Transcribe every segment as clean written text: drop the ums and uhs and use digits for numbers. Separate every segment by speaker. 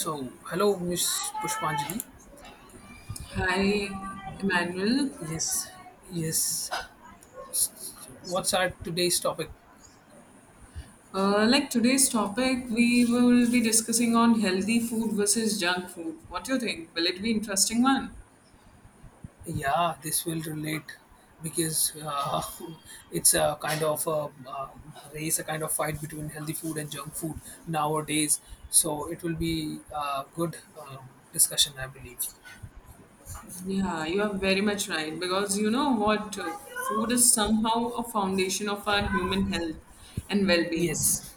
Speaker 1: So, hello, Miss Pushpanjali.
Speaker 2: Hi, Emmanuel.
Speaker 1: Yes, Yes, what's our today's topic?
Speaker 2: Like today's topic, we will be discussing on healthy food versus junk food. What do you think? Will it be interesting one?
Speaker 1: Yeah, this will relate because it's a kind of a race, a kind of fight between healthy food and junk food nowadays. So, it will be a good discussion, I believe.
Speaker 2: Yeah, you are very much right because you know what? Food is somehow a foundation of our human health and well-being.
Speaker 1: Yes.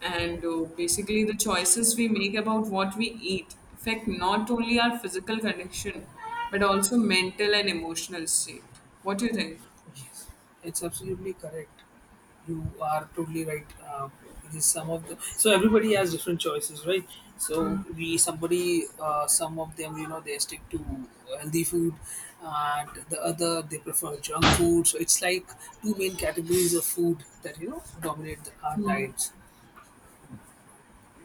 Speaker 2: And basically, the choices we make about what we eat affect not only our physical condition but also mental and emotional state. What do you think?
Speaker 1: It's absolutely correct. You are totally right. It is some of the so everybody has different choices, right? So we somebody some of them, you know, they stick to healthy food, and the other they prefer junk food. So it's like two main categories of food that, you know, dominate our diets.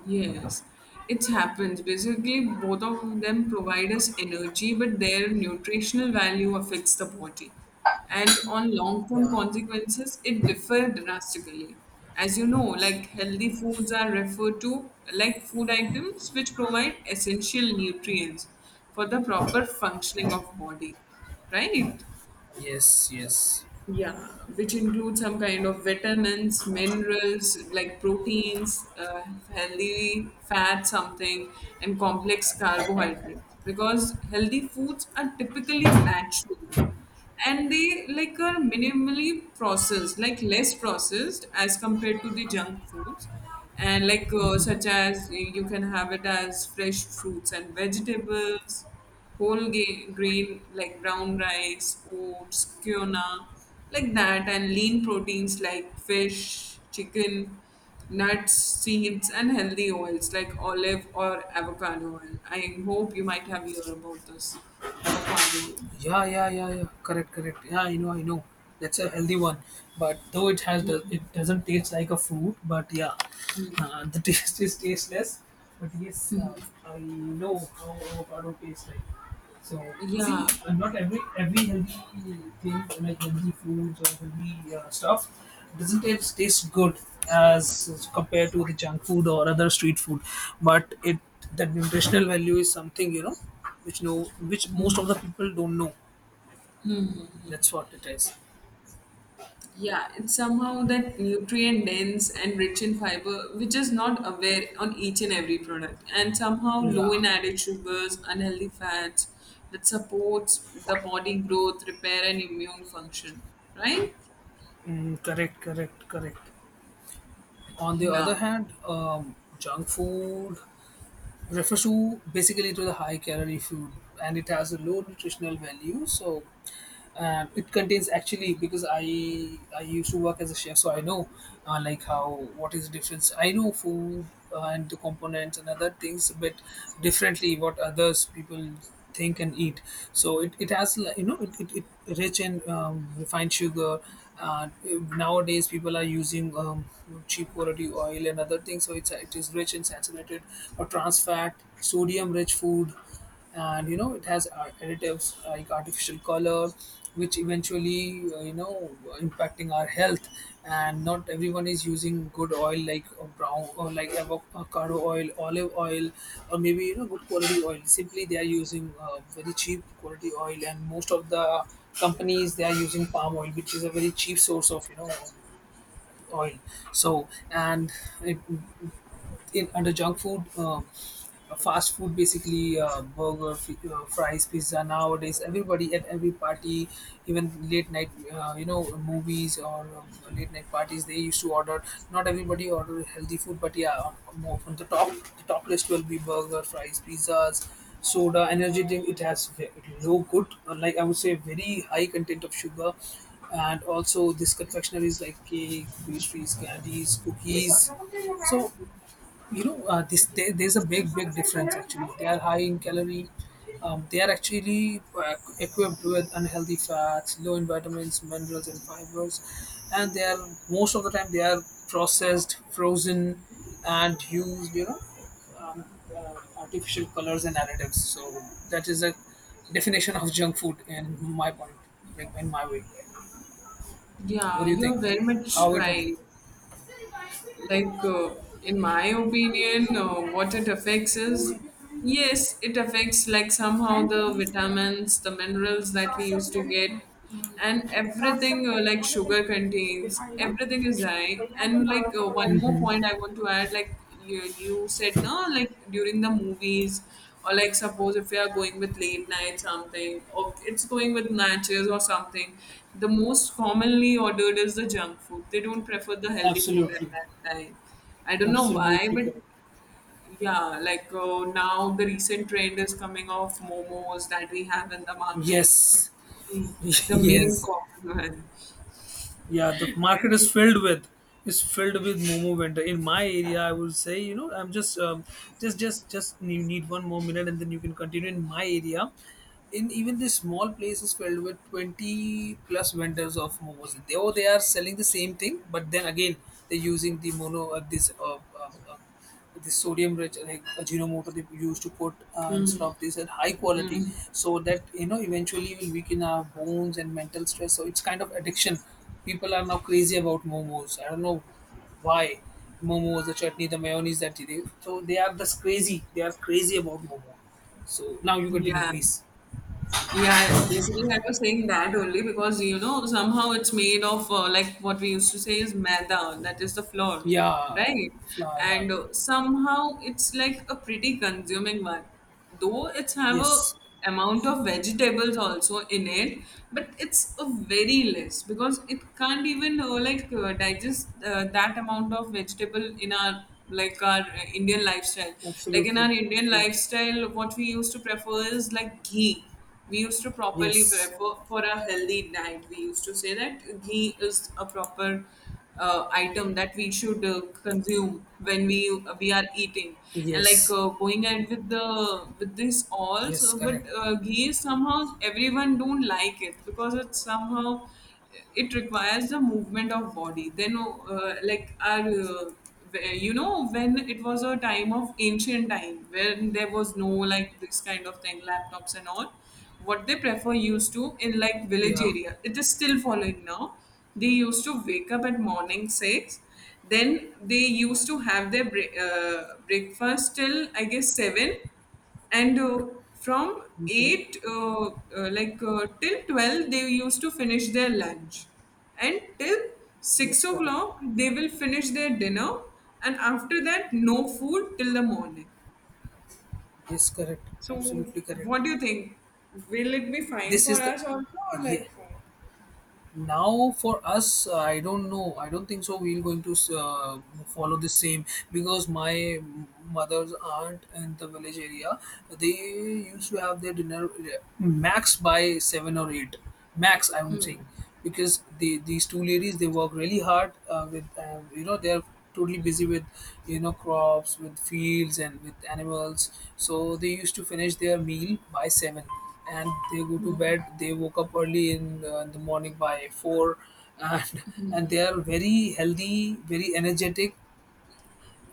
Speaker 2: Yes, it happens. Basically, both of them provide us energy, but their nutritional value affects the body. And on long term
Speaker 1: Yeah.
Speaker 2: consequences, it differ drastically. As you know, like healthy foods are referred to like food items which provide essential nutrients for the proper functioning of body, right?
Speaker 1: Yes. Yes.
Speaker 2: Yeah, which includes some kind of vitamins, minerals like proteins, healthy fat, something, and complex carbohydrates. Because healthy foods are typically natural and they like are minimally processed, like less processed as compared to the junk foods. And like such as you can have it as fresh fruits and vegetables, whole grain like brown rice, oats, quinoa, like that, and lean proteins like fish, chicken, nuts, seeds, and healthy oils like olive or avocado oil. I hope you might have heard about this avocado.
Speaker 1: Yeah, yeah, yeah, yeah. Correct, correct. Yeah, I know, I know. That's a healthy one. But though it doesn't taste like a fruit. But yeah, the taste is tasteless. But yes, I know how avocado tastes like. So see,
Speaker 2: Yeah,
Speaker 1: not every healthy thing, like healthy foods or healthy stuff, doesn't taste good as compared to the junk food or other street food. But it, that nutritional value is something, you know, which know which most of the people don't know. That's what it is.
Speaker 2: yeah, it's somehow that nutrient dense and rich in fiber, which is not aware on each and every product, and somehow low
Speaker 1: Yeah.
Speaker 2: in added sugars, unhealthy fats that supports the body growth, repair, and immune function. Right?
Speaker 1: Mm, correct, correct, correct. On the
Speaker 2: Yeah,
Speaker 1: other hand, junk food refers to basically to the high calorie food, and it has a low nutritional value. So, and it contains actually, because I used to work as a chef, so I know like how, what is the difference. I know food and the components and other things, but differently, what others people think and eat. So it has, like, you know, it rich in refined sugar. uh, Nowadays people are using cheap quality oil and other things, so it is rich in saturated or trans fat, sodium rich food. And, you know, it has additives like artificial color, which eventually, you know, impacting our health. And not everyone is using good oil like brown or like avocado oil, olive oil, or maybe, you know, good quality oil. Simply they are using very cheap quality oil, and most of the companies they are using palm oil, which is a very cheap source of, you know, oil. So and it, in under junk food, fast food basically, uh, burger, fries, pizza. Nowadays, everybody at every party, even late night, you know, movies or late night parties, they used to order. Not everybody order healthy food, but yeah, on, more on the top list will be burger, fries, pizzas. Soda, energy drink, it has low good, like I would say, very high content of sugar, and also this confectioneries like cake, pastries, candies, cookies. So, you know, this there's a big difference. Actually they are high in calorie, they are actually equipped with unhealthy fats, low in vitamins, minerals and fibers, and they are, most of the time they are processed, frozen, and used, you know, um, uh, artificial colors and additives. So that is a definition of junk food in my point, like in my way. What
Speaker 2: yeah,
Speaker 1: do you
Speaker 2: you're
Speaker 1: think?
Speaker 2: very much
Speaker 1: How it happened?
Speaker 2: right. Like in my opinion what it affects is, yes, it affects like somehow the vitamins, the minerals that we used to get and everything. Like sugar contains everything is high, and like one more
Speaker 1: Mhm.
Speaker 2: point I want to add, like you said no, like during the movies or like suppose if you are going with late night something, or it's going with matches or something, the most commonly ordered is the junk food. They don't prefer the healthy food at
Speaker 1: Absolutely,
Speaker 2: that time. I don't know why,
Speaker 1: absolutely
Speaker 2: but
Speaker 1: correct.
Speaker 2: yeah, like now the recent trend is coming of momos that we have in the market,
Speaker 1: Yes,
Speaker 2: the main
Speaker 1: yes.
Speaker 2: common
Speaker 1: Yeah, the market is
Speaker 2: one.
Speaker 1: filled with, is filled with momo vendor in my area, I would say. You know, I'm just just you need one more minute and then you can continue. In my area, in even this small place is filled with 20 plus vendors of momos. They, oh, they are selling the same thing, but then again they're using the mono this the sodium rich like Ajinomoto. They used to put instead of this at high quality,
Speaker 2: Mm,
Speaker 1: so that, you know, eventually will weaken our bones and mental stress. So it's kind of addiction. People are now crazy about momos. I don't know why. Momos, the chutney, the mayonnaise, that they, so they are just crazy. They are crazy about momo. So now you continue,
Speaker 2: yeah.
Speaker 1: please.
Speaker 2: Yeah, yeah, basically I was saying that only because somehow it's made of like what we used to say is maida, that is the flour,
Speaker 1: Yeah.
Speaker 2: right?
Speaker 1: Fla- yeah.
Speaker 2: And somehow it's like a pretty consuming one, though it's have a
Speaker 1: Yes,
Speaker 2: amount of vegetables also in it, but it's a very less because it can't even like digest that amount of vegetable in our like our Indian lifestyle. Like in
Speaker 1: absolutely,
Speaker 2: our Indian
Speaker 1: absolutely.
Speaker 2: lifestyle, what we used to prefer is like ghee. We used to properly, for
Speaker 1: yes
Speaker 2: for for a healthy diet we used to say that ghee is a proper item that we should consume when we are eating, and like
Speaker 1: yes
Speaker 2: going ahead with the with this all.
Speaker 1: yes
Speaker 2: So but
Speaker 1: correct.
Speaker 2: ghee is somehow everyone don't like it, because it's somehow it requires the movement of body. Then like our where- you know when it was a time of ancient time, when there was no like this kind of thing, laptops and all, what they prefer used to in like village
Speaker 1: Yeah.
Speaker 2: area, it is still following now. They used to wake up at morning 6, then they used to have their breakfast till I guess 7, and from
Speaker 1: Mm-hmm.
Speaker 2: 8 till 12 they used to finish their lunch, and till 6
Speaker 1: Yes, correct.
Speaker 2: o'clock they will finish their dinner, and after that no food till the morning.
Speaker 1: Yes, correct.
Speaker 2: So,
Speaker 1: Absolutely correct.
Speaker 2: what do you think? Will it be fine
Speaker 1: This
Speaker 2: for
Speaker 1: is the,
Speaker 2: us also, or
Speaker 1: yeah.
Speaker 2: like what?
Speaker 1: Now for us, I don't know, I don't think so we're going to follow the same, because my mother's aunt in the village area, they used to have their dinner max by 7 or 8, max I'm saying. Because they, these two ladies they work really hard with you know, they're totally busy with, you know, crops, with fields, and with animals. So they used to finish their meal by 7 and they go to bed. They woke up early in the morning by 4, and and they are very healthy, very energetic.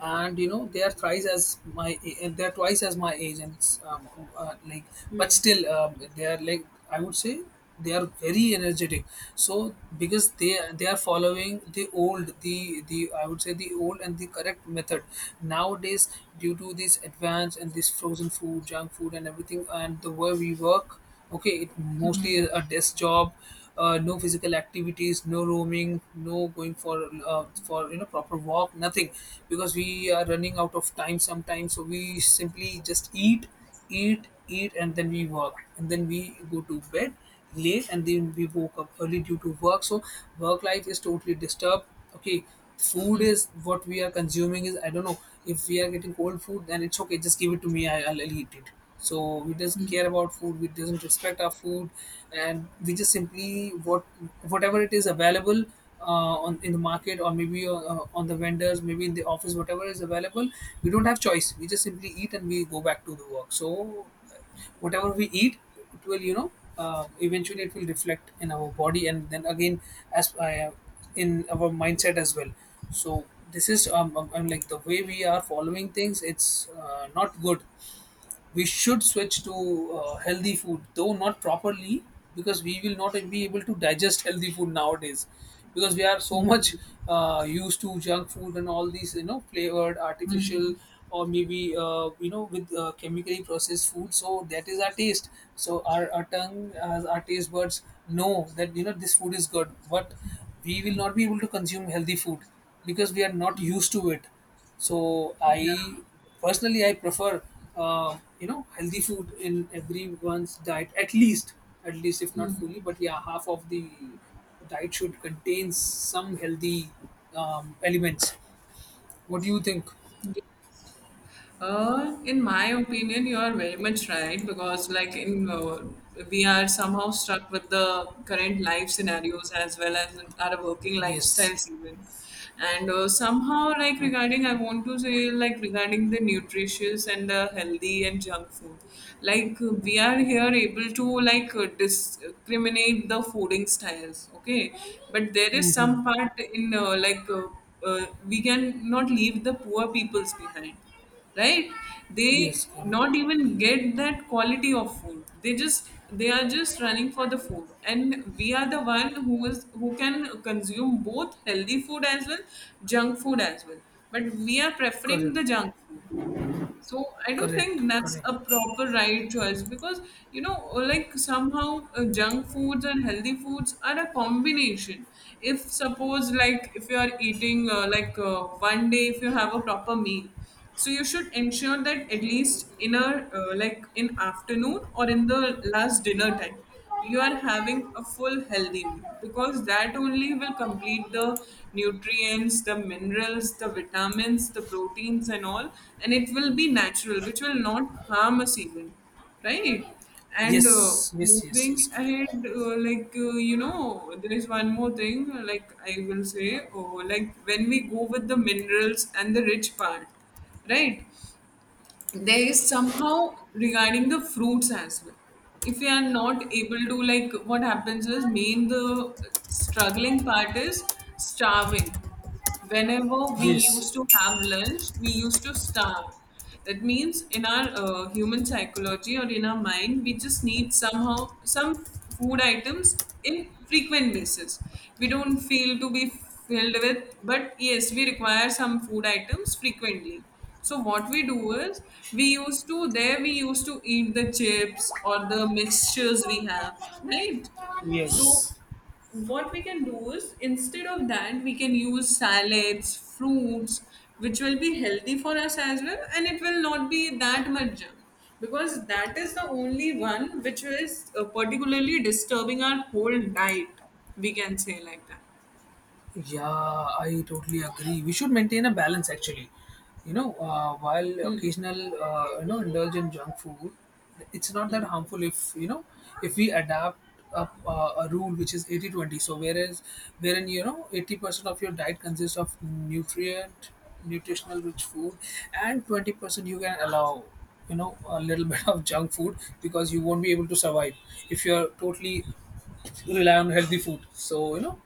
Speaker 1: And, you know, they are thrice as my, and they are twice as my age, and um, like, but still they are, like I would say, they are very energetic. So because they are following the old, the I would say the old and the correct method. Nowadays, due to this advance and this frozen food, junk food, and everything, and the way we work, okay, it mostly a desk job, no physical activities, no roaming, no going for for, you know, proper walk, nothing. Because we are running out of time sometimes, so we simply just eat, and then we work, and then we go to bed late, and then we woke up early due to work. So work life is totally disturbed. Okay, food is what we are consuming is, I don't know, if we are getting cold food then it's okay, just give it to me. I'll eat it. So we just care about food, we doesn't respect our food, and we just simply what, whatever it is available on, in the market, or maybe on the vendors, maybe in the office, whatever is available. We don't have choice, we just simply eat and we go back to the work. So whatever we eat, it will, you know, eventually it will reflect in our body, and then again, as in our mindset as well. So this is, like the way we are following things, it's not good. We should switch to healthy food, though not properly, because we will not be able to digest healthy food nowadays, because we are so much used to junk food and all these, you know, flavored, artificial, or maybe, you know, with chemically processed food. So that is our taste. So our tongue as our taste buds know that, you know, this food is good, but we will not be able to consume healthy food because we are not used to it. So
Speaker 2: Yeah.
Speaker 1: I personally I prefer, you know, healthy food in everyone's diet, at least, at least if not fully, but yeah, half of the diet should contain some healthy elements. What do you think?
Speaker 2: In my opinion, you are very much right because, like, in we are somehow stuck with the current life scenarios as well as our working
Speaker 1: Yes.
Speaker 2: lifestyles even, and somehow, like, regarding, I want to say, like, regarding the nutritious and the healthy and junk food, like, we are here able to like discriminate the fooding styles, okay, but there is
Speaker 1: Mm-hmm.
Speaker 2: some part in we can not leave the poor peoples behind, right? They
Speaker 1: Yes, correct
Speaker 2: not even get that quality of food. They are just running for the food, and we are the one who can consume both healthy food as well, junk food as well, but we are preferring
Speaker 1: correct
Speaker 2: the junk food. So I don't
Speaker 1: correct
Speaker 2: think that's
Speaker 1: correct.
Speaker 2: a proper right choice, because like somehow junk foods and healthy foods are a combination. If suppose like if you are eating like one day if you have a proper meal, so you should ensure that at least in a like in afternoon or in the last dinner time you are having a full healthy meal, because that only will complete the nutrients, the minerals, the vitamins, the proteins and all, and it will be natural which will not harm us even, right? And
Speaker 1: Yes, yes yes
Speaker 2: moving
Speaker 1: yes correct.
Speaker 2: ahead like there is one more thing, like I will say, oh, like when we go with the minerals and the rich part, right, there is somehow regarding the fruits as well. If we are not able to, like, what happens is main the struggling part is starving. Whenever we
Speaker 1: Yes.
Speaker 2: used to have lunch, we used to starve. That means in our human psychology or in our mind, we just need somehow some food items in frequent basis. We don't feel to be filled with, but yes, we require some food items frequently. So what we do is, we used to eat the chips or the mixtures we have, right? So
Speaker 1: Yes.
Speaker 2: what we can do is, instead of that we can use salads, fruits, which will be healthy for us as well, and it will not be that much junk, because that is the only one which is particularly disturbing our whole diet. We can say like that.
Speaker 1: Yeah, I totally agree. We should maintain a balance actually. You know, while occasional, you know, indulge in junk food, it's not that harmful if, you know, if we adapt up a rule which is eighty-twenty. So whereas, wherein, you know, 80% of your diet consists of nutritional rich food, and 20% you can allow, you know, a little bit of junk food, because you won't be able to survive if you're totally rely on healthy food. So, you know,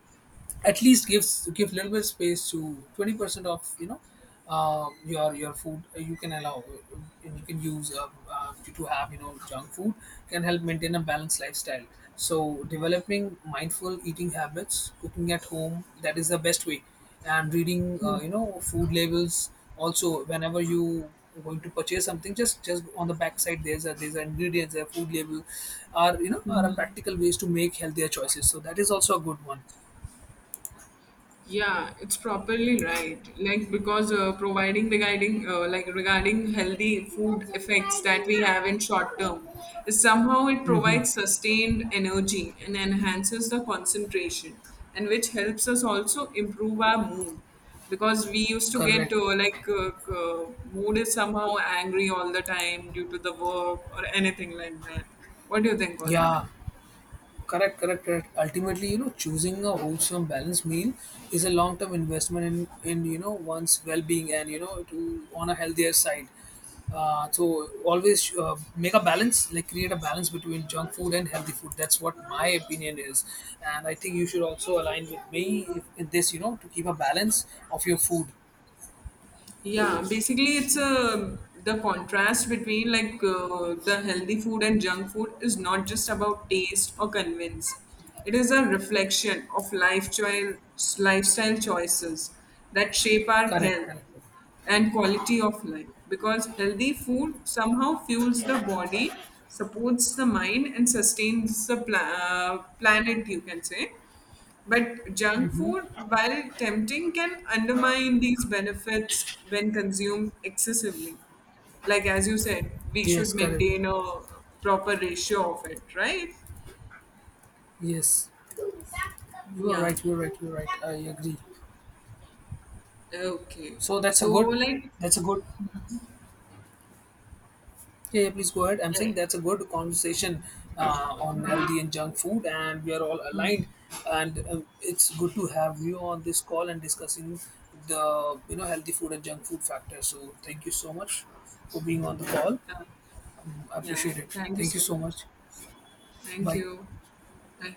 Speaker 1: at least give little bit space to 20% of, you know, your food. You can allow, and you can use, to have, you know, junk food, can help maintain a balanced lifestyle. So developing mindful eating habits, cooking at home, that is the best way, and reading,
Speaker 2: Hmm.
Speaker 1: you know, food labels also, whenever you are going to purchase something, just on the back side there's a, there's an ingredients, a food label, are, you know, are a practical ways to make healthier choices. So that is also a good one.
Speaker 2: Yeah, it's properly right. Like, because providing regarding healthy food effects that we have in short term, somehow it
Speaker 1: Mhm.
Speaker 2: provides sustained energy and enhances the concentration, and which helps us also improve our mood, because we used to get
Speaker 1: Correct.
Speaker 2: mood is somehow angry all the time due to the work or anything like that. What do you think on that?
Speaker 1: Yeah, correct, correct, correct. Ultimately, you know, choosing a wholesome, balanced meal is a long-term investment in, you know, one's well-being and, you know, to, on a healthier side. So always make a balance, like create a balance between junk food and healthy food. That's what my opinion is, and I think you should also align with me in this, you know, to keep a balance of your food.
Speaker 2: Yeah, basically, it's a the contrast between like the healthy food and junk food is not just about taste or convince. It is a reflection of lifestyle choices that shape our
Speaker 1: Correct,
Speaker 2: health
Speaker 1: correct.
Speaker 2: and quality of life. Because healthy food somehow fuels the body, supports the mind, and sustains the planet, you can say. But junk food, while tempting, can undermine these benefits when consumed excessively. Like as you said, we
Speaker 1: Yes,
Speaker 2: should
Speaker 1: correct.
Speaker 2: maintain a proper ratio of it, right?
Speaker 1: Yes, you are
Speaker 2: Yeah.
Speaker 1: right. You are right. You are right. I agree.
Speaker 2: Okay.
Speaker 1: So that's a
Speaker 2: So,
Speaker 1: good,
Speaker 2: like,
Speaker 1: that's a good. Yeah, yeah, please go ahead. I'm
Speaker 2: yeah,
Speaker 1: saying that's a good conversation on healthy and junk food, and we are all aligned. And it's good to have you on this call and discussing the, you know, healthy food and junk food factor. So thank you so much for being on the call.
Speaker 2: uh,
Speaker 1: I
Speaker 2: yeah.
Speaker 1: appreciate it.
Speaker 2: Thank you
Speaker 1: Thank you
Speaker 2: so
Speaker 1: so
Speaker 2: much.
Speaker 1: much.
Speaker 2: Thank
Speaker 1: Bye.
Speaker 2: you. Bye.